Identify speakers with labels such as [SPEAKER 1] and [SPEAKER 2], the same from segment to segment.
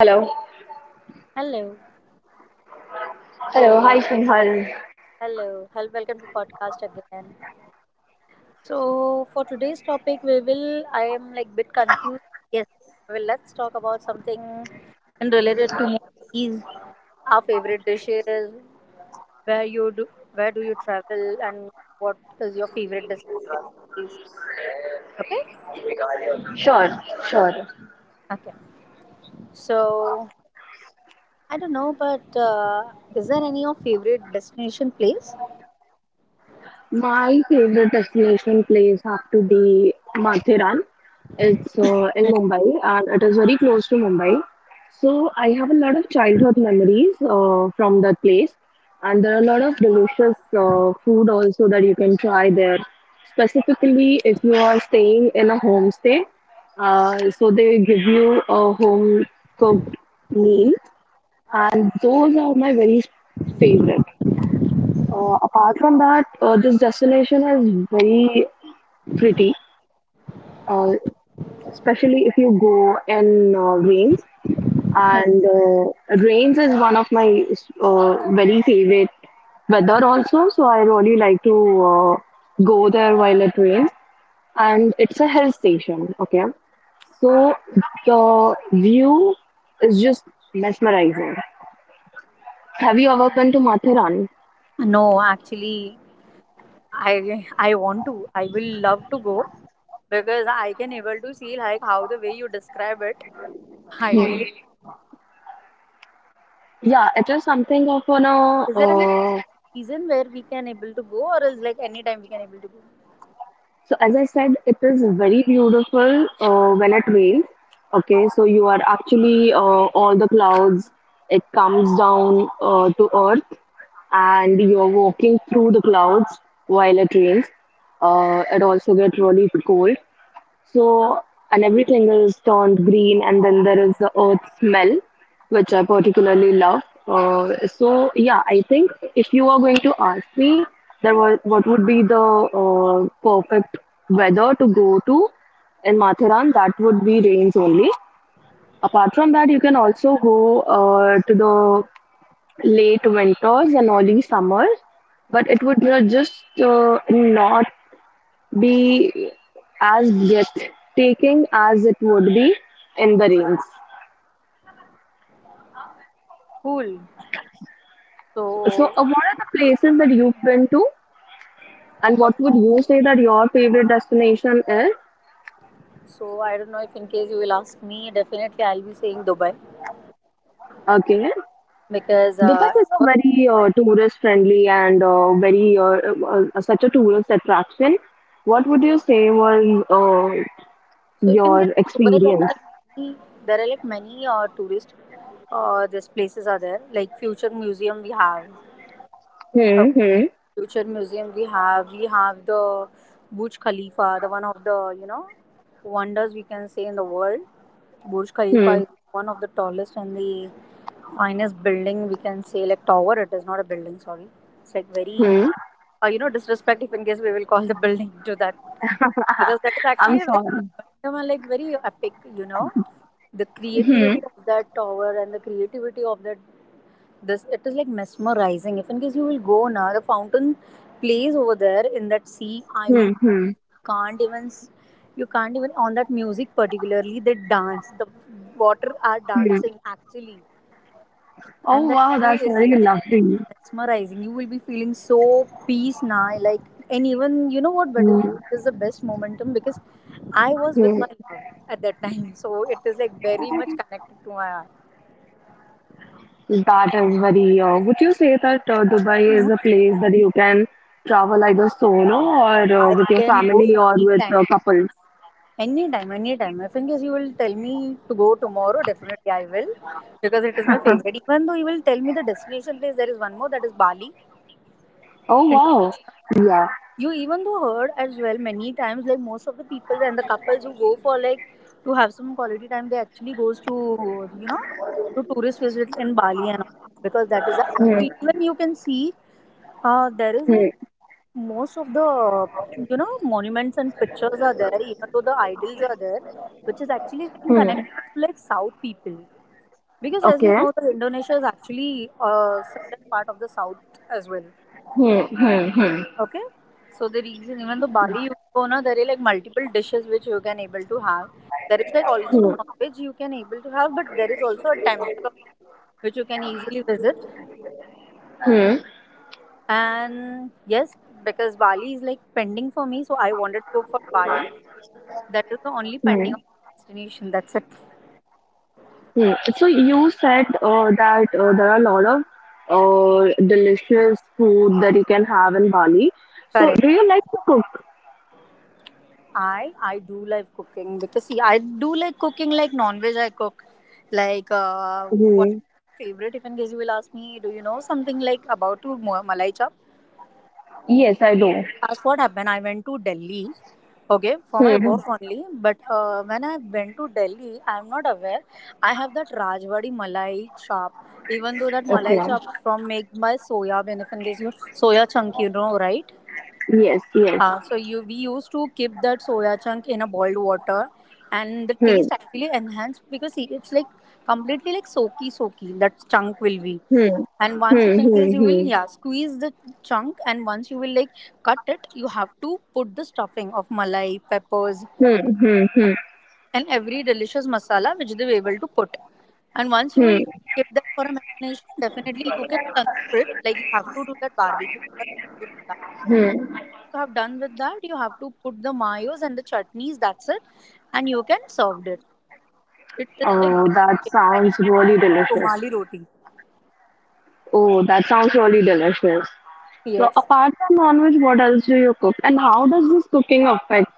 [SPEAKER 1] Hello.
[SPEAKER 2] Hello.
[SPEAKER 1] Hello,
[SPEAKER 2] So
[SPEAKER 1] hi Sinhal.
[SPEAKER 2] hello. Hello, welcome to podcast again. So for today's topic we will I am like bit confused. Yes. Well, let's talk about something and related to movies, our favorite dishes, where you do where do you travel, and what is your favorite destination place? Okay?
[SPEAKER 1] Sure, sure.
[SPEAKER 2] Okay. So I don't know, but is there any your favorite destination place?
[SPEAKER 1] My favorite destination place have to be Mathiran. It's in Mumbai and it is very close to Mumbai. So I have a lot of childhood memories from that place, and there are a lot of delicious food also that you can try there. Specifically, if you are staying in a homestay, so they give you a home cooked meal, and those are my very favorite. Apart from that, this destination is very pretty, uh, especially if you go in rains. And rains is one of my very favorite weather also. So I really like to go there while it rains. And it's a hill station. Okay, so the view is just mesmerizing. Have you ever been to Mathurani?
[SPEAKER 2] No, actually I want to. I will love to go because I can able to see like how the way you describe it. I really.
[SPEAKER 1] Yeah, it is something of an uh,
[SPEAKER 2] Is there any
[SPEAKER 1] uh,
[SPEAKER 2] season where we can able to go, or is like any time we can able to go?
[SPEAKER 1] So as I said, it is very beautiful when it rains. Okay, so you are actually all the clouds. It comes down to earth, and you're walking through the clouds while it rains. It also gets really cold. So, and everything is turned green, and then there is the earth smell, which I particularly love. So, yeah, I think if you are going to ask me, there was what would be the perfect weather to go to in Matharan, that would be rains only. Apart from that, you can also go to the late winters and early summers, but it would just not be as breathtaking taking as it would be in the rains.
[SPEAKER 2] Cool.
[SPEAKER 1] So,
[SPEAKER 2] So
[SPEAKER 1] what are the places that you've been to, and
[SPEAKER 2] okay.
[SPEAKER 1] what would you say that your favorite destination is?
[SPEAKER 2] so I don't know, if in case you will ask me, definitely I'll be saying Dubai,
[SPEAKER 1] Okay,
[SPEAKER 2] because
[SPEAKER 1] Dubai
[SPEAKER 2] it
[SPEAKER 1] is a
[SPEAKER 2] was.
[SPEAKER 1] very tourist-friendly and very such a tourist attraction. What would you say was
[SPEAKER 2] So if in
[SPEAKER 1] your
[SPEAKER 2] case Dubai, there are
[SPEAKER 1] experience?
[SPEAKER 2] like many there are like many tourist these places are there, like future museum we have
[SPEAKER 1] Hmm, hmm,
[SPEAKER 2] we have the Burj Khalifa, the one of the, you know, wonders we can say in the world. Burj Khalifa
[SPEAKER 1] hmm,
[SPEAKER 2] is one of the tallest and the finest building we can say, like tower. It is not a building, sorry. It's like very
[SPEAKER 1] hmm.
[SPEAKER 2] you know, disrespect if in case we will call the building to that, because that is
[SPEAKER 1] I'm
[SPEAKER 2] actually a very
[SPEAKER 1] sorry.
[SPEAKER 2] momentum and like very epic. You know, the
[SPEAKER 1] Hmm,
[SPEAKER 2] creativity of that tower and the creativity of that, this it is like mesmerizing. If in case you will go now, the fountain plays over there in that sea, I
[SPEAKER 1] hmm,
[SPEAKER 2] mean,
[SPEAKER 1] hmm,
[SPEAKER 2] you can't even s- you can't even on that music. Particularly they dance, the water are
[SPEAKER 1] hmm.
[SPEAKER 2] dancing actually. And
[SPEAKER 1] Oh
[SPEAKER 2] that
[SPEAKER 1] wow,
[SPEAKER 2] view
[SPEAKER 1] that's
[SPEAKER 2] is
[SPEAKER 1] very
[SPEAKER 2] like
[SPEAKER 1] lovely.
[SPEAKER 2] mesmerizing. You will be feeling so peace now, like, and even, you know what, but is
[SPEAKER 1] Mm,
[SPEAKER 2] what is the best momentum, because I was with
[SPEAKER 1] mm,
[SPEAKER 2] my love at that time. So it is like very much connected to my heart.
[SPEAKER 1] that is very. Would you say that Dubai is
[SPEAKER 2] No,
[SPEAKER 1] a place that you can travel either solo or
[SPEAKER 2] I
[SPEAKER 1] with your
[SPEAKER 2] can go
[SPEAKER 1] family or with
[SPEAKER 2] anytime.
[SPEAKER 1] couples?
[SPEAKER 2] Anytime, anytime. If in case you will tell me to go tomorrow, definitely I will, because it is my favorite. Even though you will tell me the destination place, there is one more, that is Bali,
[SPEAKER 1] Oh wow!
[SPEAKER 2] Indonesia.
[SPEAKER 1] Yeah.
[SPEAKER 2] You even though heard as well many times, like most of the people and the couples who go for like to have some quality time, they actually goes to, you know, to tourist visit in Bali and all, because that is actually when you can see, there is like
[SPEAKER 1] Hmm,
[SPEAKER 2] most of the, you know, monuments and pictures are there, even though the idols are there, which is actually getting
[SPEAKER 1] hmm,
[SPEAKER 2] connected to like south people, because as you
[SPEAKER 1] okay.
[SPEAKER 2] know, the Indonesia is actually a similar part of the south as well.
[SPEAKER 1] Hmm, hmm, hmm,
[SPEAKER 2] Okay, so the reason, even though Bali you go now, there are like multiple dishes which you can able to have. There is like also
[SPEAKER 1] hmm,
[SPEAKER 2] non-veg you can able to have, but there is also a temple also which you can easily visit.
[SPEAKER 1] hmm.
[SPEAKER 2] And yes, because Bali is like pending for me, so I wanted to go for Bali. That is the only pending
[SPEAKER 1] Hmm.
[SPEAKER 2] of my destination. That's it.
[SPEAKER 1] Hmm. So you said that there are a lot of delicious food that you can have in Bali. So do
[SPEAKER 2] Correct.
[SPEAKER 1] you like to cook?
[SPEAKER 2] I do like cooking, because see, I do like cooking, like non-veg I cook. Like, what is
[SPEAKER 1] Hmm.
[SPEAKER 2] my favorite if in case you will ask me, do you know something like about to Malai Chap?
[SPEAKER 1] Yes, I do.
[SPEAKER 2] That's what happened. I went to Delhi. Okay, for my
[SPEAKER 1] Hmm,
[SPEAKER 2] work only. But when I went to Delhi, I'm not aware. I have that Rajwadi Malai Chap. Even though that
[SPEAKER 1] okay.
[SPEAKER 2] Malai Chap from made by soya bean, if in case you soya chunk, you know, right?
[SPEAKER 1] Yes, yes.
[SPEAKER 2] So you we used to keep that soya chunk in a boiled water, and the taste
[SPEAKER 1] Hmm.
[SPEAKER 2] actually enhanced, because see, it's like completely like soaky soaky that chunk will be. And once if
[SPEAKER 1] Hmm,
[SPEAKER 2] in
[SPEAKER 1] hmm,
[SPEAKER 2] case you will,
[SPEAKER 1] hmm,
[SPEAKER 2] yeah, squeeze the chunk, and once you will like cut it, you have to put the stuffing of malai, peppers,
[SPEAKER 1] hmm, hmm, hmm,
[SPEAKER 2] and every delicious masala which they were able to put. And once you will
[SPEAKER 1] hmm,
[SPEAKER 2] keep that for a marination, definitely you can tandoor it. Like you have to do that barbecue wala tandoor in.
[SPEAKER 1] hmm.
[SPEAKER 2] You have done with that, you have to put the mayos and the chutneys, that's it, and you can serve it. It is like
[SPEAKER 1] Oh, that
[SPEAKER 2] delicious
[SPEAKER 1] sounds really delicious.
[SPEAKER 2] somali roti.
[SPEAKER 1] Oh, that sounds really delicious. So,
[SPEAKER 2] Yes.
[SPEAKER 1] apart from non-veg, what else do you cook, and how does this cooking affect?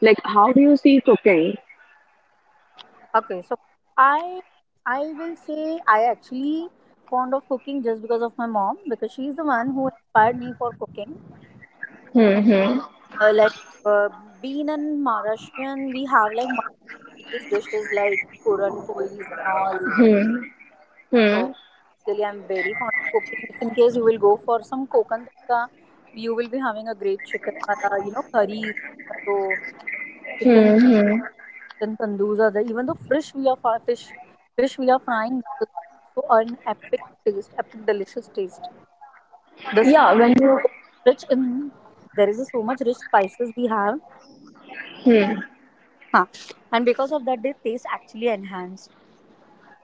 [SPEAKER 1] Like, how do you see cooking?
[SPEAKER 2] Okay, so i I will say I actually fond of cooking just because of my mom, because she's the one who inspired me for cooking.
[SPEAKER 1] Hmm, hmm,
[SPEAKER 2] uh, like uh, Being in Maharashtrian, we have like multiple various dishes like puran polis and all. So
[SPEAKER 1] hmm,
[SPEAKER 2] basically, I'm very fond of cooking. If in case you will go for some kokan tadka, you will be having a great chicken wala, you know, curries, so chicken,
[SPEAKER 1] hmm, hmm.
[SPEAKER 2] chicken tandoos are there. Even the fish we are fish we are frying, that is also an epic taste, epic delicious taste. The spices
[SPEAKER 1] Yeah,
[SPEAKER 2] are
[SPEAKER 1] when you
[SPEAKER 2] so much rich in There is so much rich spices we have, huh. And because of that, their taste actually enhanced.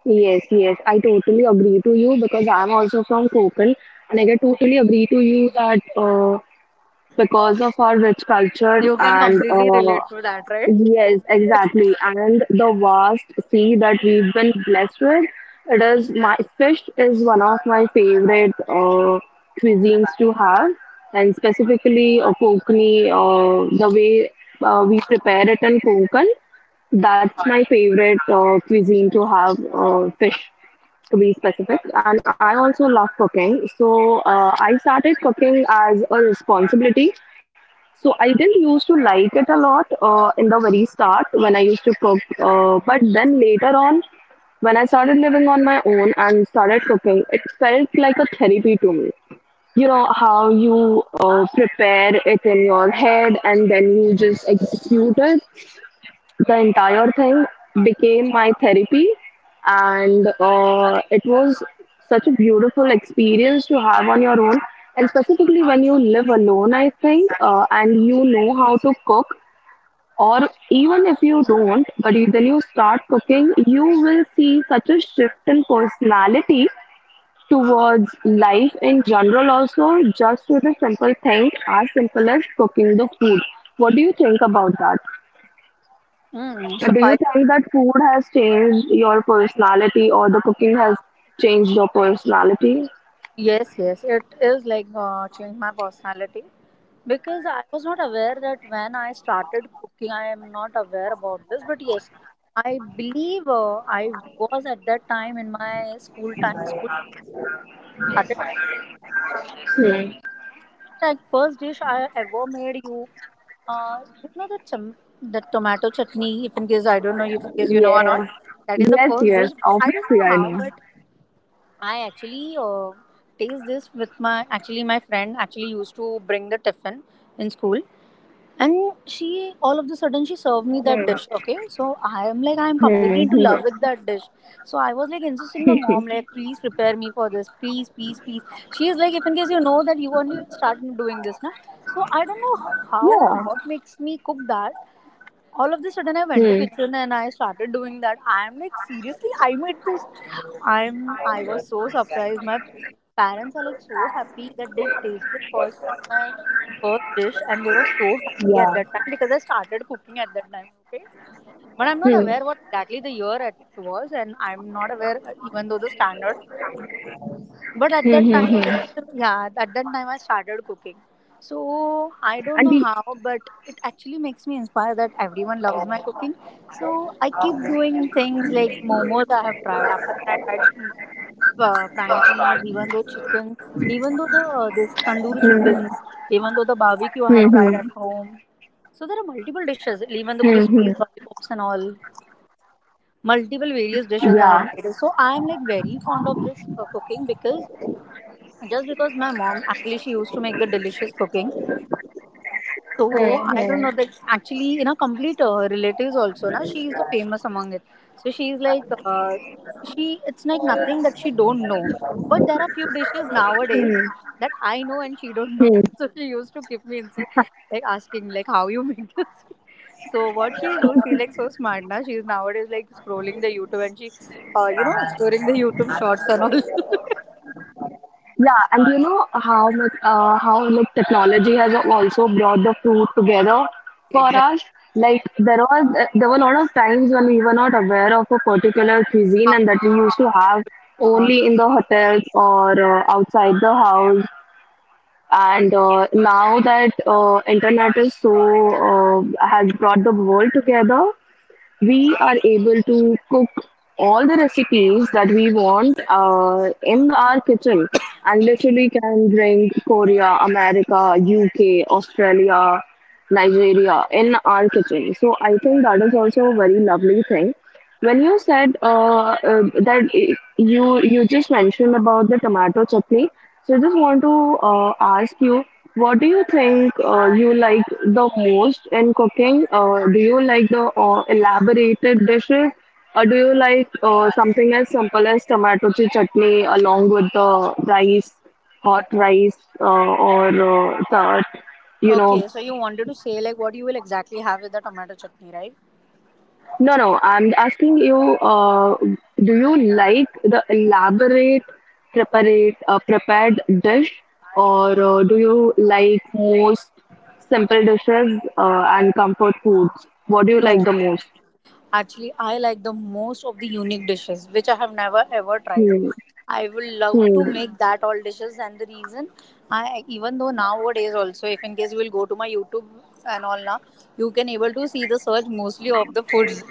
[SPEAKER 1] yes, yes, I totally agree to you because I'm also from Kokan, and I can totally agree to you that because of our rich culture
[SPEAKER 2] You can
[SPEAKER 1] and
[SPEAKER 2] completely relate to that, right?
[SPEAKER 1] yes, exactly. And the vast sea that we've been blessed with, it is my fish is one of my favorite cuisines to have, and specifically Konkani, the way we prepare it in Konkan, that's my favorite cuisine to have fish, to be specific. And I also love cooking, so I started cooking as a responsibility, so I didn't used to like it a lot in the very start when I used to cook, but then later on, when I started living on my own and started cooking, it felt like a therapy to me. You know how you prepare it in your head and then you just execute it, the entire thing became my therapy, and it was such a beautiful experience to have on your own, and specifically when you live alone, I think, and you know how to cook, or even if you don't, then you start cooking, you will see such a shift in personality towards life in general also, just with a simple thing as simple as cooking the food. What do you think about that?
[SPEAKER 2] Mm.
[SPEAKER 1] So
[SPEAKER 2] So
[SPEAKER 1] do you
[SPEAKER 2] I
[SPEAKER 1] think that food has changed your personality or the cooking has changed your personality?
[SPEAKER 2] Yes, yes, it is like changed my personality, because I was not aware that when I started cooking, I am not aware about this. But yes, I believe I was at that time in my school time. School when I started
[SPEAKER 1] Hmm.
[SPEAKER 2] cooking first time, and I was not aware. Like first dish I ever made you, uh, you know the chum- the tomato chutney. If in case I don't know if in case you know or not,
[SPEAKER 1] Yes.
[SPEAKER 2] that is the
[SPEAKER 1] Yes,
[SPEAKER 2] first
[SPEAKER 1] yes.
[SPEAKER 2] dish. I don't
[SPEAKER 1] Obviously,
[SPEAKER 2] know
[SPEAKER 1] I
[SPEAKER 2] how,
[SPEAKER 1] know.
[SPEAKER 2] but I actually taste this with my actually my friend actually used to bring the tiffin in school, and she all of the sudden she served me that dish.
[SPEAKER 1] Hmm.
[SPEAKER 2] Okay, so I am like I am
[SPEAKER 1] Hmm.
[SPEAKER 2] completely
[SPEAKER 1] Hmm.
[SPEAKER 2] into love with that dish. So I was like insisting my mom like, please prepare me for this, please, please, please. She is like, if in case you know that, you only start doing this now. So I don't know how and
[SPEAKER 1] Yeah.
[SPEAKER 2] what makes me cook that. All of the sudden I went to
[SPEAKER 1] Hmm.
[SPEAKER 2] kitchen and I started doing that. I am like, seriously, I made this. I was so surprised. My parents are like so happy that they tasted first time my first dish, and they were so happy at that time because I started cooking at that time, okay? But I'm not
[SPEAKER 1] Hmm.
[SPEAKER 2] aware what exactly the year it was, and I'm not aware even though the standard. But at that
[SPEAKER 1] Hmm. Hmm.
[SPEAKER 2] time this is
[SPEAKER 1] Hmm.
[SPEAKER 2] the, yeah, at that time I started cooking. So I don't
[SPEAKER 1] And
[SPEAKER 2] know
[SPEAKER 1] the,
[SPEAKER 2] how, but it actually makes me inspired that everyone loves my cooking. So I keep doing things like momos I have tried. After that I tried Frankie's, even though chicken, even though the this tandoor
[SPEAKER 1] hmm.
[SPEAKER 2] chickens, even though the barbecue I
[SPEAKER 1] Hmm.
[SPEAKER 2] have tried
[SPEAKER 1] Hmm.
[SPEAKER 2] at home. So there are multiple dishes,
[SPEAKER 1] Hmm.
[SPEAKER 2] even
[SPEAKER 1] Hmm.
[SPEAKER 2] the crispies, lollipops, and all. Multiple various
[SPEAKER 1] Yeah.
[SPEAKER 2] dishes I have made. So I am like very fond of this cooking, because just because my mom actually she used to make the delicious cooking.
[SPEAKER 1] Hmm.
[SPEAKER 2] So I
[SPEAKER 1] Hmm.
[SPEAKER 2] don't know that actually, you know, complete relatives also. Na, she is famous among it. So she is like, she it's like nothing that she don't know. But there are few dishes nowadays that I know and she don't know. So she used to keep me in, so, like asking like how you make this. So what she is doing, she like so smart na. She is nowadays like scrolling the YouTube, and she, you know, exploring the YouTube shorts and all.
[SPEAKER 1] Yeah, and you know how much, how like technology has also brought the fruit together for
[SPEAKER 2] Exactly.
[SPEAKER 1] us. Like there were a lot of times when we were not aware of a particular cuisine
[SPEAKER 2] How
[SPEAKER 1] and that we used to have
[SPEAKER 2] not?
[SPEAKER 1] only in the hotels or outside the house. And now that internet is so has brought the world together, we are able to cook all the recipes that we want in our kitchen, and literally can bring Korea, America, UK, Australia, Nigeria in our kitchen. So I think that is also a very lovely thing. When you said that you just mentioned about the tomato chutney, so I just want to ask you, what do you think you like the most in cooking? Do you like the elaborated dishes, or do you like something as simple as tomato chutney along with the rice, hot rice, or the, you know.
[SPEAKER 2] Okay, so you wanted to say like what you will exactly have with the tomato chutney, right?
[SPEAKER 1] No, no, I'm asking you, do you like the elaborate preparate prepared dish, or do you like most simple dishes and comfort foods? What do you
[SPEAKER 2] No,
[SPEAKER 1] like the most?
[SPEAKER 2] actually, I like the most of the unique dishes which I have never ever tried.
[SPEAKER 1] Hmm,
[SPEAKER 2] I would love to
[SPEAKER 1] hmm,
[SPEAKER 2] make that all dishes, and the reason I, even though nowadays also, if in case you will go to my YouTube and all now, you can able to see the search mostly of the foods,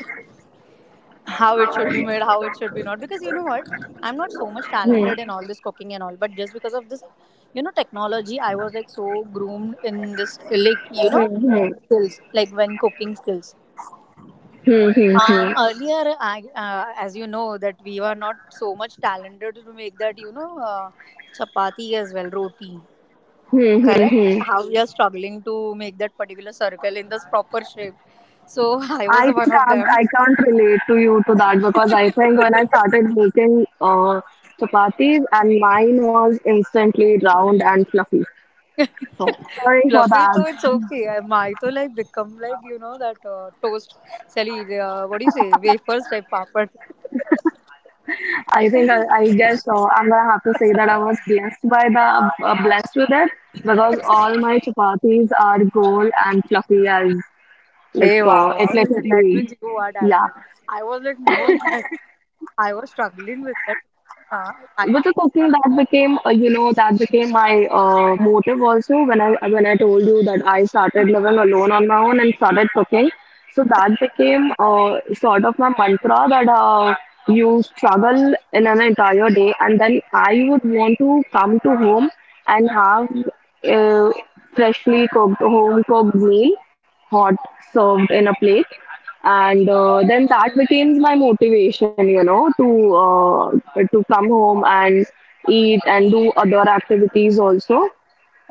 [SPEAKER 2] how it should be made, how it should be not. Because you know what, I'm not so much
[SPEAKER 1] hmm,
[SPEAKER 2] talented in all this cooking and all, but just because of this, you know, technology, I was like so groomed in this, like, you know,
[SPEAKER 1] hmm, hmm,
[SPEAKER 2] skills, like when cooking skills.
[SPEAKER 1] hmm,
[SPEAKER 2] Uh,
[SPEAKER 1] hmm,
[SPEAKER 2] earlier, I, uh, as you know, that we were not so much talented to make that, you know, chapati as well, roti.
[SPEAKER 1] hmm, hmm,
[SPEAKER 2] Correct?
[SPEAKER 1] hmm.
[SPEAKER 2] How we are struggling to make that particular circle in this proper shape. So I
[SPEAKER 1] I
[SPEAKER 2] was one
[SPEAKER 1] think
[SPEAKER 2] of
[SPEAKER 1] I,
[SPEAKER 2] them.
[SPEAKER 1] I can't relate to you to that, because I think when I started making chapatis, and mine was instantly round and fluffy. So sorry for
[SPEAKER 2] Fluffy,
[SPEAKER 1] that.
[SPEAKER 2] though it's okay. I might to like become like you know that toast, Sally, what do you say, wafers type papad.
[SPEAKER 1] I think I guess I'm gonna have to say that I was blessed by the blessed with it, because all my chapatis are gold and fluffy, as like
[SPEAKER 2] Hey,
[SPEAKER 1] it
[SPEAKER 2] yeah, that
[SPEAKER 1] literally.
[SPEAKER 2] means you are
[SPEAKER 1] Yeah,
[SPEAKER 2] talented. I was like, no, I was struggling with that. Nah, I
[SPEAKER 1] with the cooking, that became you know, that became my motive also, when I told you that I started
[SPEAKER 2] don't.
[SPEAKER 1] living alone on my own and started cooking. So that became sort of my mantra, that you struggle in an entire day and then I would want to come to home and have uh, freshly cooked, home cooked meal, hot, served in a plate, and then that became my motivation, you know, to come home and eat and do other activities also,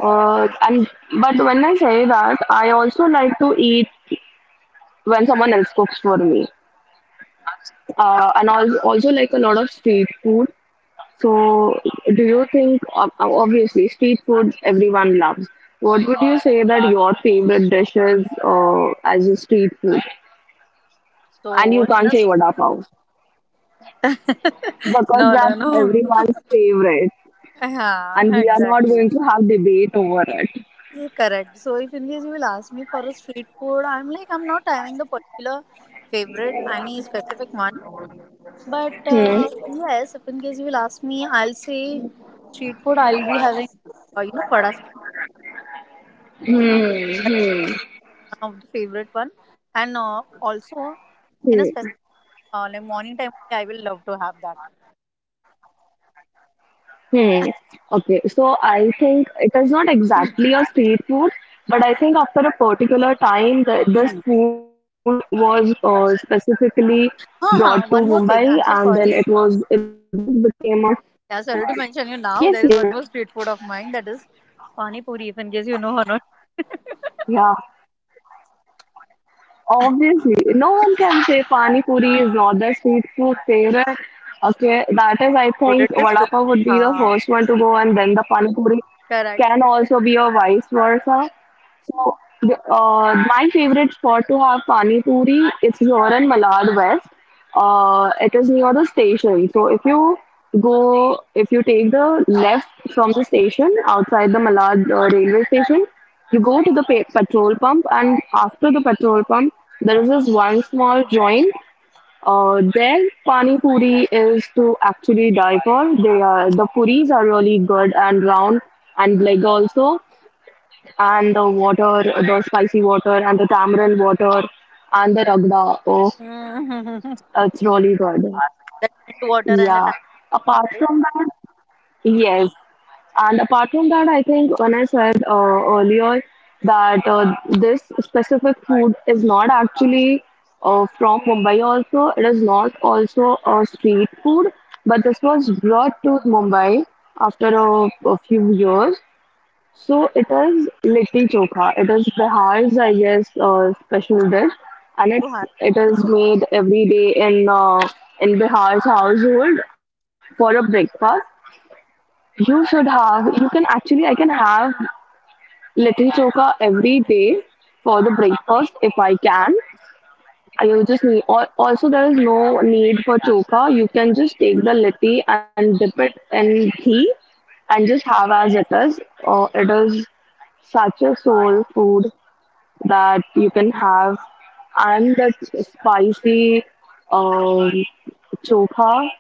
[SPEAKER 1] and but when I say that, I also like to eat when someone else cooks for me, and also like a lot of street food. So do you think, obviously street food everyone loves, what would you say that your favorite dish is uh, as a street food? And
[SPEAKER 2] So
[SPEAKER 1] you
[SPEAKER 2] in
[SPEAKER 1] can't
[SPEAKER 2] a
[SPEAKER 1] say vada pav, because
[SPEAKER 2] no, no,
[SPEAKER 1] that's
[SPEAKER 2] no.
[SPEAKER 1] everyone's favorite,
[SPEAKER 2] Yeah,
[SPEAKER 1] and we are not
[SPEAKER 2] exactly.
[SPEAKER 1] going to have debate over it.
[SPEAKER 2] Correct. So if in case you will ask me for a street food, I'm like I'm not having the particular favorite, any specific one. But
[SPEAKER 1] Hmm.
[SPEAKER 2] yes, if in case you will ask me, I'll say street food. I'll be having, you know, vada sambar,
[SPEAKER 1] Hmm.
[SPEAKER 2] that's
[SPEAKER 1] Hmm.
[SPEAKER 2] one of the favorite one, and also
[SPEAKER 1] Hmm.
[SPEAKER 2] in a specific like morning time, I will love to have that.
[SPEAKER 1] Hmm. Okay, so I think it is not exactly a street food, but I think after a particular time that this food was specifically brought to
[SPEAKER 2] One more thing. I'm
[SPEAKER 1] Mumbai,
[SPEAKER 2] so
[SPEAKER 1] and
[SPEAKER 2] sorry.
[SPEAKER 1] then it just became a something.
[SPEAKER 2] Yeah, sorry to mention you
[SPEAKER 1] Yes,
[SPEAKER 2] now. There is
[SPEAKER 1] yes,
[SPEAKER 2] one more street food of mine that is Pani Puri, if in case you know or not.
[SPEAKER 1] yeah. Obviously, no one can say pani puri is not the street food favorite. Okay, that is, I
[SPEAKER 2] Food it
[SPEAKER 1] think,
[SPEAKER 2] is
[SPEAKER 1] vada
[SPEAKER 2] street
[SPEAKER 1] pav would
[SPEAKER 2] food.
[SPEAKER 1] be the
[SPEAKER 2] Haan,
[SPEAKER 1] first one to go, and then the pani puri
[SPEAKER 2] correct.
[SPEAKER 1] can also be a vice versa. So, my favorite spot to have pani puri, it's here in Malad West. It is near the station. So if you take the left from the station outside the Malad railway station, you go to the petrol pump, and after the petrol pump, there is this one small joint. Their pani puri is to actually die for. The puris are really good and round and big also, and the water, the spicy water, and the tamarind water, and the ragda. Oh,
[SPEAKER 2] Mhm,
[SPEAKER 1] it's really good.
[SPEAKER 2] that mint water and the
[SPEAKER 1] Yeah.
[SPEAKER 2] tamarind
[SPEAKER 1] Apart from that, yes. And apart from that, I think when I said earlier that this specific food is not actually from Mumbai, also, it is not also a street food, but this was brought to Mumbai after a few years. So it is litti chokha. It is Bihar's, I guess, special dish, and it
[SPEAKER 2] you have.
[SPEAKER 1] it is made every day in Bihar's household for a breakfast. You should have. You can actually. I can have litti chokha every day for the breakfast if I can. You just need. Also, there is no need for chokha. You can just take the litti and dip it in ghee and just have as it is. It is such a soul food that you can have, and that spicy um, chokha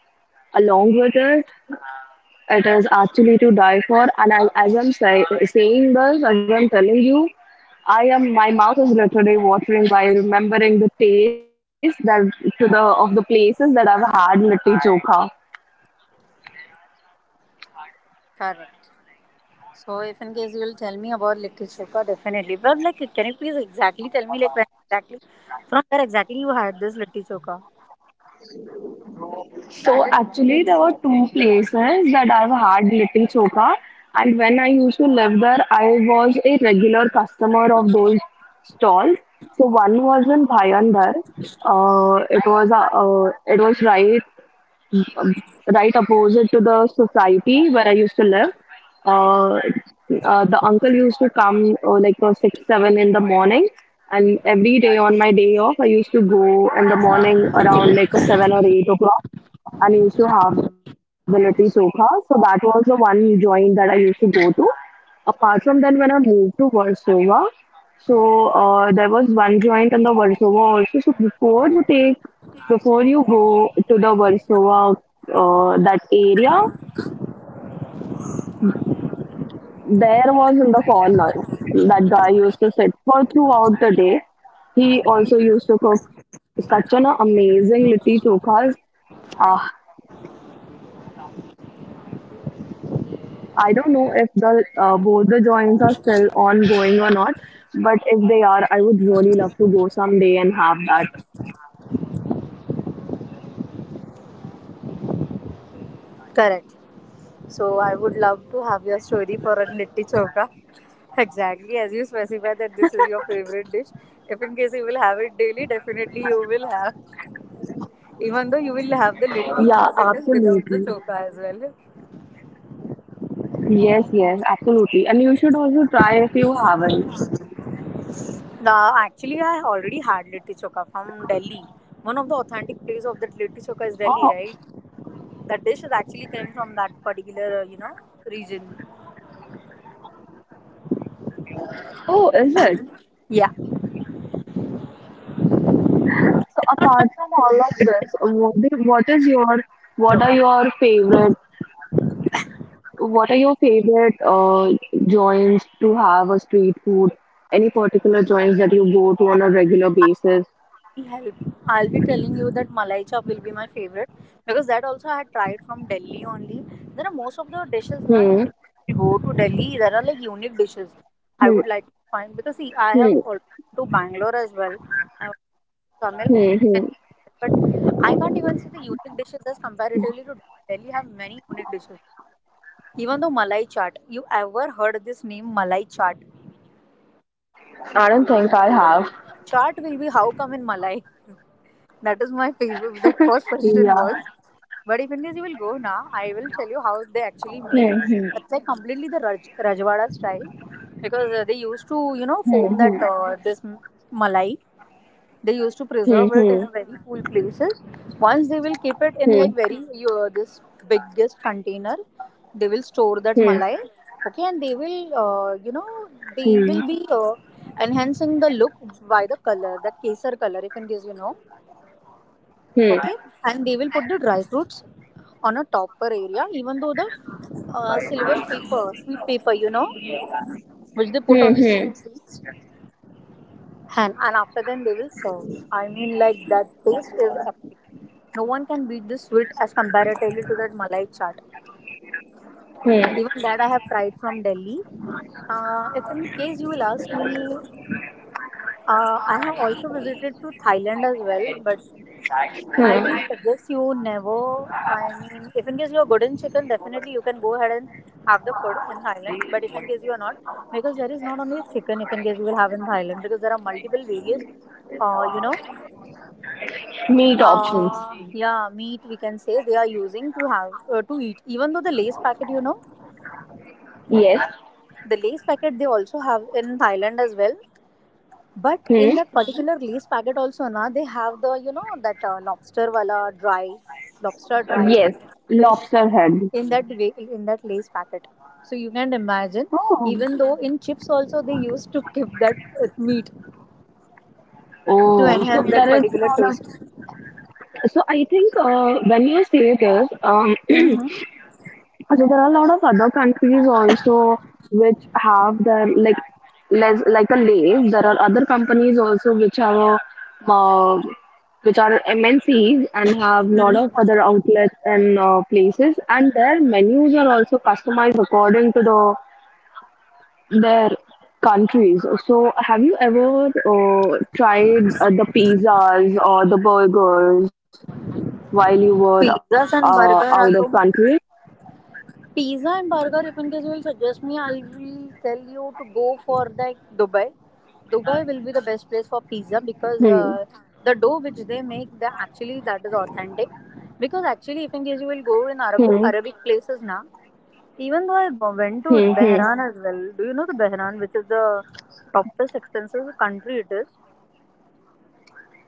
[SPEAKER 1] along with it. It is actually to die for. And as I'm saying this, as I'm telling you, I am my mouth is literally watering by remembering the taste that to the of the places that I've had litti chokha.
[SPEAKER 2] Correct. So if in case you will tell me about litti chokha, definitely. But like, can you please exactly tell me like when exactly, from where exactly you had this litti chokha?
[SPEAKER 1] So actually, there were two places that I've had Litti Choka, and when I used to live there, I was a regular customer of those stalls. So one was in Bhayandar. It was it was right um, right opposite to the society where I used to live. Uh, the uncle used to come like six, seven in the morning, and every day on my day off, I used to go in the morning around like a 7 or 8 o'clock, and I used to have the little soka. So that was the one joint that I used to go to. Apart from that, when I moved to Warsaw, there was one joint in the Warsaw also. So before you go to the Warsaw, that area, there was in the corner that guy used to sit for throughout the day. He also used to cook such an amazing litti chokhas. Ah, I don't know if the both the joints are still ongoing or not, but if they are, I would really love to go someday and have that.
[SPEAKER 2] Correct. So I would love to have your story for a litti choka. Exactly, as you specify that this is your favorite dish. If in case you will have it daily, definitely you will have. Even though you will have the litti
[SPEAKER 1] Yeah,
[SPEAKER 2] as it is without the
[SPEAKER 1] absolutely.
[SPEAKER 2] choka as well.
[SPEAKER 1] Yes, yes, absolutely. And you should also try if you haven't.
[SPEAKER 2] Now, actually, I already had litti choka from Delhi. One of the authentic place of that litti choka is Delhi,
[SPEAKER 1] Oh,
[SPEAKER 2] right? That dish is actually came from that particular, you know, region.
[SPEAKER 1] oh, is it?
[SPEAKER 2] Yeah,
[SPEAKER 1] So apart from all of this, what are
[SPEAKER 2] choka.
[SPEAKER 1] your, favorite, what are your favorite joints to have a street food? Any particular joints that you go to on a regular basis?
[SPEAKER 2] Help. I'll be telling you that malai chop will be my favorite because that also I had tried from Delhi only. There are most of the dishes now.
[SPEAKER 1] Hmm,
[SPEAKER 2] If you go to Delhi, there are like unique dishes. I
[SPEAKER 1] hmm,
[SPEAKER 2] would like to find because see, I have
[SPEAKER 1] hmm,
[SPEAKER 2] also been to Bangalore as well. I went to
[SPEAKER 1] hmm,
[SPEAKER 2] Tamil,
[SPEAKER 1] hmm.
[SPEAKER 2] well, but I can't even see the unique dishes as comparatively to Delhi. Delhi have many unique dishes. Even though malai chaat, you ever heard this name malai chaat?
[SPEAKER 1] I don't think I have.
[SPEAKER 2] Chaat will be how come in malai? That is my favorite. That first question
[SPEAKER 1] Yeah.
[SPEAKER 2] was. But if in case you will go now, I will tell you how they actually make.
[SPEAKER 1] Hmm, hmm,
[SPEAKER 2] That's like completely the Rajwada style because they used to, you know,
[SPEAKER 1] hmm,
[SPEAKER 2] foam that
[SPEAKER 1] hmm,
[SPEAKER 2] this malai. They used to preserve it in
[SPEAKER 1] hmm,
[SPEAKER 2] a very cool places. Once they will keep it in
[SPEAKER 1] hmm,
[SPEAKER 2] like very this biggest container, they will store that
[SPEAKER 1] hmm,
[SPEAKER 2] malai. Okay, and they will, you know, they
[SPEAKER 1] hmm,
[SPEAKER 2] will be enhancing the look by the color, that kesar color, if in case you know,
[SPEAKER 1] hmm, hmm,
[SPEAKER 2] okay, and they will put the dry fruits on a topper area, even though the silver paper sweet paper, you know, which they put
[SPEAKER 1] hmm,
[SPEAKER 2] on the
[SPEAKER 1] hmm,
[SPEAKER 2] sweets, and after then they will serve. I mean like that taste is epic. No one can beat this sweet as comparatively to that malai chaat.
[SPEAKER 1] hmm.
[SPEAKER 2] Even that I have tried from Delhi. If in case you will ask me, I have also visited to Thailand as well, but I will
[SPEAKER 1] hmm.
[SPEAKER 2] suggest you never. I mean, if in case you're good in chicken, definitely you can go ahead and have the food in Thailand. But if in case you are not, because there is not only chicken, if in case you will have in Thailand, because there are multiple various, you know,
[SPEAKER 1] Meat options.
[SPEAKER 2] yeah, meat we can say they are using to have to eat. Even though the lace packet, you know,
[SPEAKER 1] Yes.
[SPEAKER 2] the lace packet they also have in Thailand as well. But in
[SPEAKER 1] Hmm.
[SPEAKER 2] that particular lace packet also, na, they have the you know that lobster wala dry lobster dry
[SPEAKER 1] Yes.
[SPEAKER 2] fish
[SPEAKER 1] Lobster head.
[SPEAKER 2] in that way in that lace packet. So you can imagine,
[SPEAKER 1] Oh.
[SPEAKER 2] even though in chips also they used to keep that meat to
[SPEAKER 1] Oh, so
[SPEAKER 2] enhance that
[SPEAKER 1] there is
[SPEAKER 2] particular
[SPEAKER 1] a lot
[SPEAKER 2] taste.
[SPEAKER 1] of. So I think when you say this,
[SPEAKER 2] Hmm.
[SPEAKER 1] so there are a lot of other countries also which have their like less like a Lay's. There are other companies also which have a, uh, um, which are MNCs and have lot of other outlets and places, and their menus are also customized according to their countries. So, have you ever tried the pizzas or the burgers while you were out of
[SPEAKER 2] Pizzas and
[SPEAKER 1] country?
[SPEAKER 2] burger are so. Pizza and burger, if in case you will suggest me, I will tell you to go for like Dubai. Dubai will be the best place
[SPEAKER 1] Hmm.
[SPEAKER 2] for pizza because the dough which they make, the actually that is authentic. Because actually, if in case you
[SPEAKER 1] Hmm.
[SPEAKER 2] will go in Arabic places now, even though
[SPEAKER 1] Hmm. Hmm.
[SPEAKER 2] went to Bahrain as well. Do you know the Bahrain, which is the topest expensive country it is?
[SPEAKER 1] Hmm.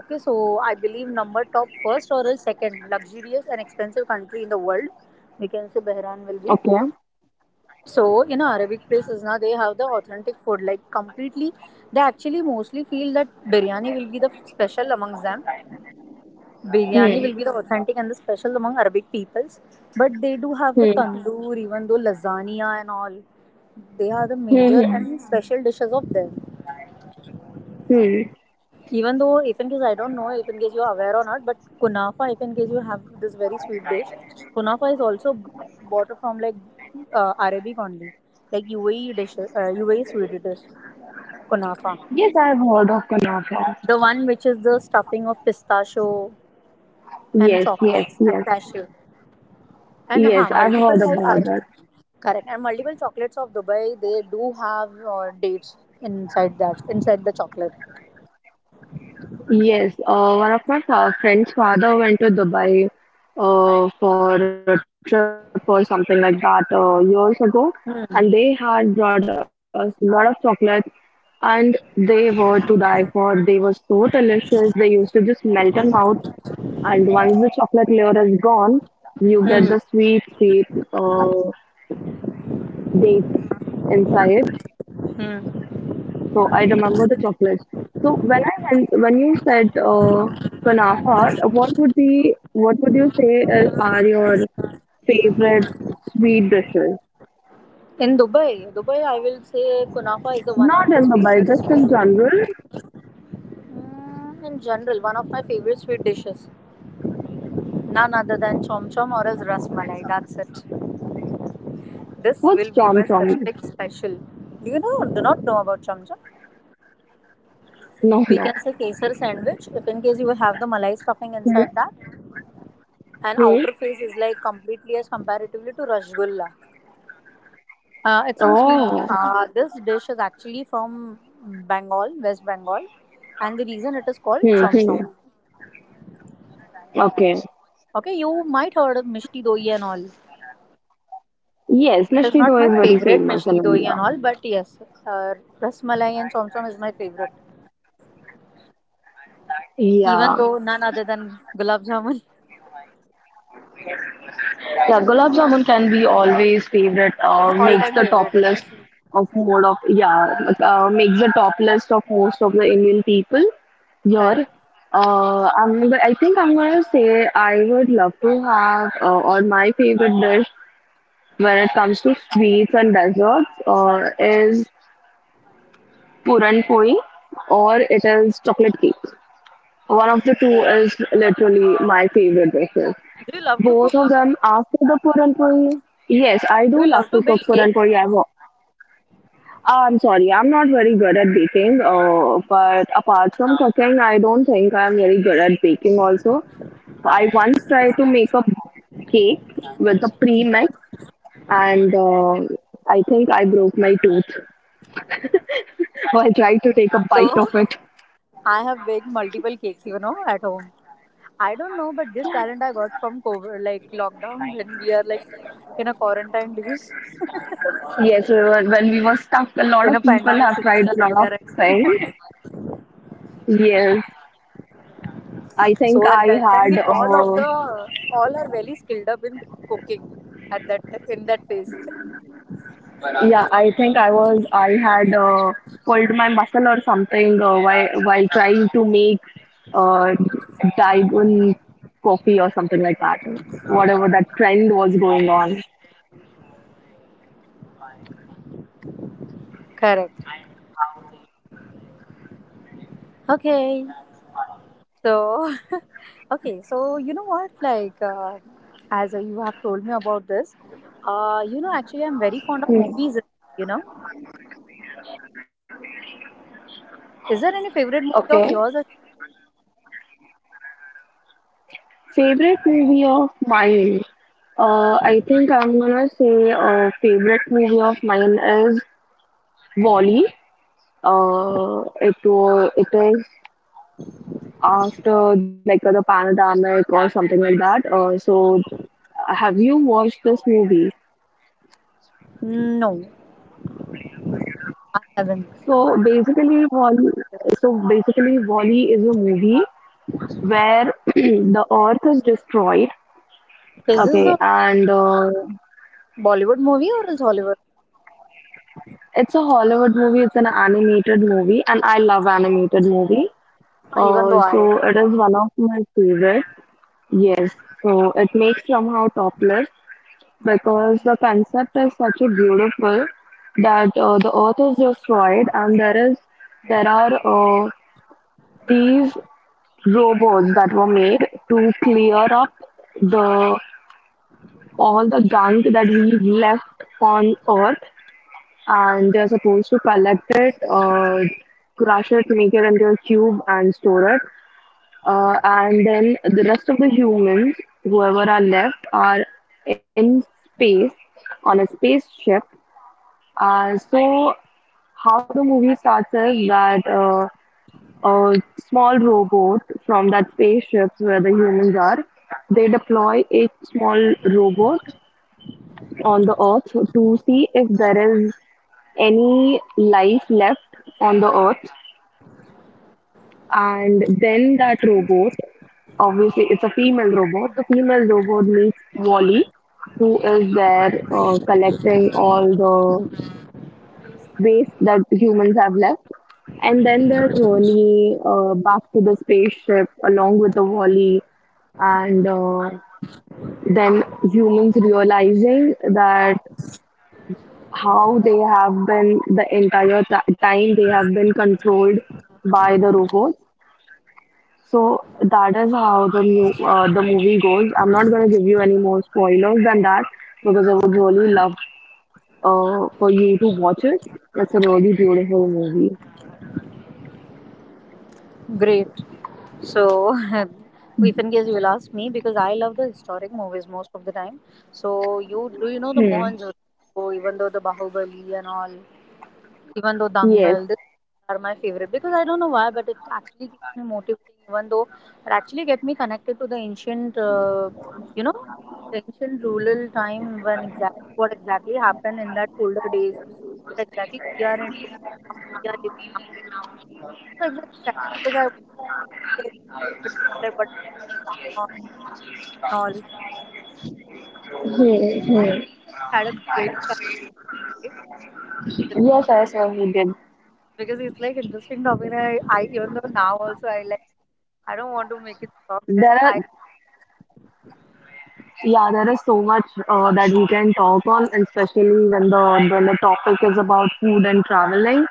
[SPEAKER 2] Okay, so I believe number top first or else second luxurious and expensive country in the world. We can say Bahrain
[SPEAKER 1] Okay.
[SPEAKER 2] will be. So in Arabic places now they have the authentic food like completely they actually mostly feel that biryani will be the special amongst them.
[SPEAKER 1] Hmm.
[SPEAKER 2] Biryani will be the authentic and the special among Arabic peoples. But they do have the
[SPEAKER 1] Hmm.
[SPEAKER 2] tandoor, even though lasagna and all. They are the
[SPEAKER 1] Hmm.
[SPEAKER 2] major
[SPEAKER 1] Hmm.
[SPEAKER 2] and special dishes of them.
[SPEAKER 1] hmm.
[SPEAKER 2] Even though, if in case I don't know, if in case you are aware or not, but kunafa, if in case you have this very sweet dish, kunafa is also bought from like Arabic only, like UAE dish, UAE sweet dish. Kunafa.
[SPEAKER 1] Yes, I've heard of Kunafa.
[SPEAKER 2] The one which is the stuffing of pistachio and
[SPEAKER 1] Yes, yes,
[SPEAKER 2] chocolates and
[SPEAKER 1] yes,
[SPEAKER 2] cashew. And huh,
[SPEAKER 1] yes. I've heard
[SPEAKER 2] multiple like
[SPEAKER 1] about
[SPEAKER 2] are
[SPEAKER 1] that.
[SPEAKER 2] correct. And multiple chocolates of Dubai, they do have dates inside that, inside the chocolate.
[SPEAKER 1] Yes, one of my friend's father went to Dubai for a trip or something like that years ago, and they had brought us a lot of chocolates, and they were to die for. They were so delicious. They used to just melt in mouth, and once the chocolate layer is gone, you get
[SPEAKER 2] Hmm.
[SPEAKER 1] the sweet, sweet uh, dates inside.
[SPEAKER 2] Hmm.
[SPEAKER 1] So I remember the chocolates. So when you said kunafa, what would you say are your favorite sweet dishes?
[SPEAKER 2] In Dubai, I will say kunafa is the one
[SPEAKER 1] Not
[SPEAKER 2] of his
[SPEAKER 1] in Mumbai,
[SPEAKER 2] favorite
[SPEAKER 1] just in
[SPEAKER 2] sweet.
[SPEAKER 1] general.
[SPEAKER 2] Mm, in general, one of my favorite sweet dishes. None other than chom chom or as ras malai. That's it. This
[SPEAKER 1] What's
[SPEAKER 2] will be
[SPEAKER 1] chom
[SPEAKER 2] my
[SPEAKER 1] chom?
[SPEAKER 2] specific special. Do you know? Do not know about chom chom?
[SPEAKER 1] No,
[SPEAKER 2] We
[SPEAKER 1] no.
[SPEAKER 2] can say kesar sandwich if in case you have the malai stuffing
[SPEAKER 1] Hmm?
[SPEAKER 2] inside that, and
[SPEAKER 1] Hmm?
[SPEAKER 2] outer face is like completely as comparatively to rasgulla. It's in sweet.
[SPEAKER 1] Oh.
[SPEAKER 2] This dish is actually from Bengal, West Bengal, and the reason it is called
[SPEAKER 1] Hmm,
[SPEAKER 2] chom
[SPEAKER 1] hmm.
[SPEAKER 2] chom.
[SPEAKER 1] Okay.
[SPEAKER 2] Okay, you might heard of mishti doi and all.
[SPEAKER 1] Yes,
[SPEAKER 2] It is
[SPEAKER 1] Mishri dough
[SPEAKER 2] not
[SPEAKER 1] is
[SPEAKER 2] my
[SPEAKER 1] very
[SPEAKER 2] favorite
[SPEAKER 1] famous in
[SPEAKER 2] mishti doi
[SPEAKER 1] India.
[SPEAKER 2] and all, but yes, uh, rasmalai and chom chom is my favorite. Even
[SPEAKER 1] Yeah.
[SPEAKER 2] though none other than gulab jamun,
[SPEAKER 1] Yeah, gulab jamun can be always favorite.
[SPEAKER 2] all
[SPEAKER 1] Makes
[SPEAKER 2] time
[SPEAKER 1] the top
[SPEAKER 2] favorite it
[SPEAKER 1] list
[SPEAKER 2] is.
[SPEAKER 1] of mode of yeah, like, makes the top list of most of the Indian people here.
[SPEAKER 2] Correct.
[SPEAKER 1] But I think I'm gonna say I would love to have or my favorite dish when it comes to sweets and desserts is puran poi or it is chocolate cake. One of the two is literally my favorite dish.
[SPEAKER 2] Do you love to cook?
[SPEAKER 1] Both of them after the puran puri? Yes, I
[SPEAKER 2] Do
[SPEAKER 1] do
[SPEAKER 2] you love
[SPEAKER 1] love
[SPEAKER 2] to
[SPEAKER 1] to cook
[SPEAKER 2] bake cake?
[SPEAKER 1] puran puri. I'm sorry, I'm not very good at baking. But apart from cooking, I don't think I'm very good at baking also. I once tried to make a cake with a pre-mix and I think I broke my tooth while trying to take a bite of
[SPEAKER 2] So
[SPEAKER 1] it.
[SPEAKER 2] I have baked multiple cakes, you know, at home. I don't know, but this talent I got from COVID, like lockdown, when we are like in a quarantine, because
[SPEAKER 1] Yes, we were, when we were stuck, a lot
[SPEAKER 2] in a
[SPEAKER 1] of people
[SPEAKER 2] pandemic
[SPEAKER 1] have tried a
[SPEAKER 2] situation,
[SPEAKER 1] lot of
[SPEAKER 2] correct?
[SPEAKER 1] things. Yes, I think
[SPEAKER 2] So at
[SPEAKER 1] I
[SPEAKER 2] that time, we
[SPEAKER 1] had.
[SPEAKER 2] all of the all are very skilled up in cooking at that phase.
[SPEAKER 1] Yeah, I think I had pulled my muscle or something while trying to make uh, Daigun coffee or something like that. Whatever that trend was going on.
[SPEAKER 2] Correct. Okay, so, okay, so you know what? Like, as you have told me about this, you know, actually, I'm very fond
[SPEAKER 1] Hmm.
[SPEAKER 2] of movies, you know. Is there any favorite movie
[SPEAKER 1] Okay.
[SPEAKER 2] of yours?
[SPEAKER 1] Favorite movie of mine. I think I'm gonna say favorite movie of mine is Wally. It is after like the pandemic or something like that. So have you watched this movie?
[SPEAKER 2] Ashwin? No, I haven't.
[SPEAKER 1] So basically, Wall- so basically, Wall-E is a movie where the Earth is destroyed.
[SPEAKER 2] Is this the
[SPEAKER 1] Okay, and
[SPEAKER 2] Bollywood movie or is Hollywood?
[SPEAKER 1] it's a Hollywood movie. It's an animated movie, and I love animated movie.
[SPEAKER 2] Even though
[SPEAKER 1] Uh,
[SPEAKER 2] I.
[SPEAKER 1] so it is one of my favorite. Yes, so it makes somehow topless because the concept is such a beautiful that the Earth is destroyed, and there are these robots that were made to clear up the all the gunk that we've left on Earth, and they're supposed to collect it, crush it, make it into a cube, and store it. And then the rest of the humans, whoever are left, are in space on a spaceship. So how the movie starts is that. A small robot from that spaceship where the humans are. They deploy a small robot on the Earth to see if there is any life left on the Earth. And then that robot, obviously, it's a female robot. The female robot meets Wally, who is there collecting all waste that humans have left. And then their journey back to the spaceship along with the Wally, and then humans realizing that how they have been the entire time they have been controlled by the robots. So that is how the movie goes. I'm not going to give you any more spoilers than that because I would really love for you to watch it. It's a really beautiful movie.
[SPEAKER 2] Great. So, if in case you will ask me, because I love the historic movies most of the time. So, you do you know the
[SPEAKER 1] Hmm.
[SPEAKER 2] Mohanjodaro, even though the Bahubali and all? Even though
[SPEAKER 1] Yes.
[SPEAKER 2] Dangal, this are my favorite because I don't know why, but it actually keeps me motivating. Even though it actually get me connected to the ancient, you know, the ancient rural time when exactly what exactly happened in that older days, what exactly we are into and how we are living nowadays. So exactly that because I wanted to really like wanted to know like what exactly is going on and all. So
[SPEAKER 1] Hmm, hmm.
[SPEAKER 2] I had a great time, right?
[SPEAKER 1] Yes, I sir, we did.
[SPEAKER 2] Because it's like interesting topic, and I even though now also I like. I don't want to make it stop
[SPEAKER 1] There
[SPEAKER 2] because
[SPEAKER 1] are,
[SPEAKER 2] I
[SPEAKER 1] yeah, there is so much that we can talk on, and especially when the topic is about food and traveling.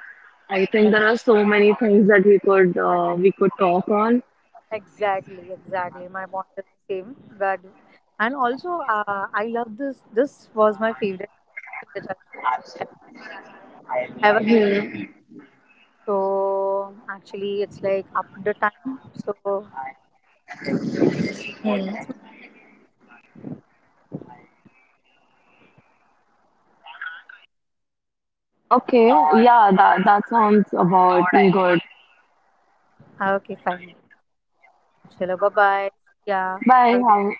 [SPEAKER 1] I think
[SPEAKER 2] correct,
[SPEAKER 1] there are so many things that we could talk on.
[SPEAKER 2] exactly, exactly. My point is the same. But and also, I love this. This was my favorite conversation which I ever. Ever.
[SPEAKER 1] Hmm,
[SPEAKER 2] So actually, it's like up the time. So
[SPEAKER 1] hmm. Okay, yeah, that that sounds about good.
[SPEAKER 2] okay, fine. Chalo, bye bye. Yeah,
[SPEAKER 1] Bye.
[SPEAKER 2] have a good.
[SPEAKER 1] Have,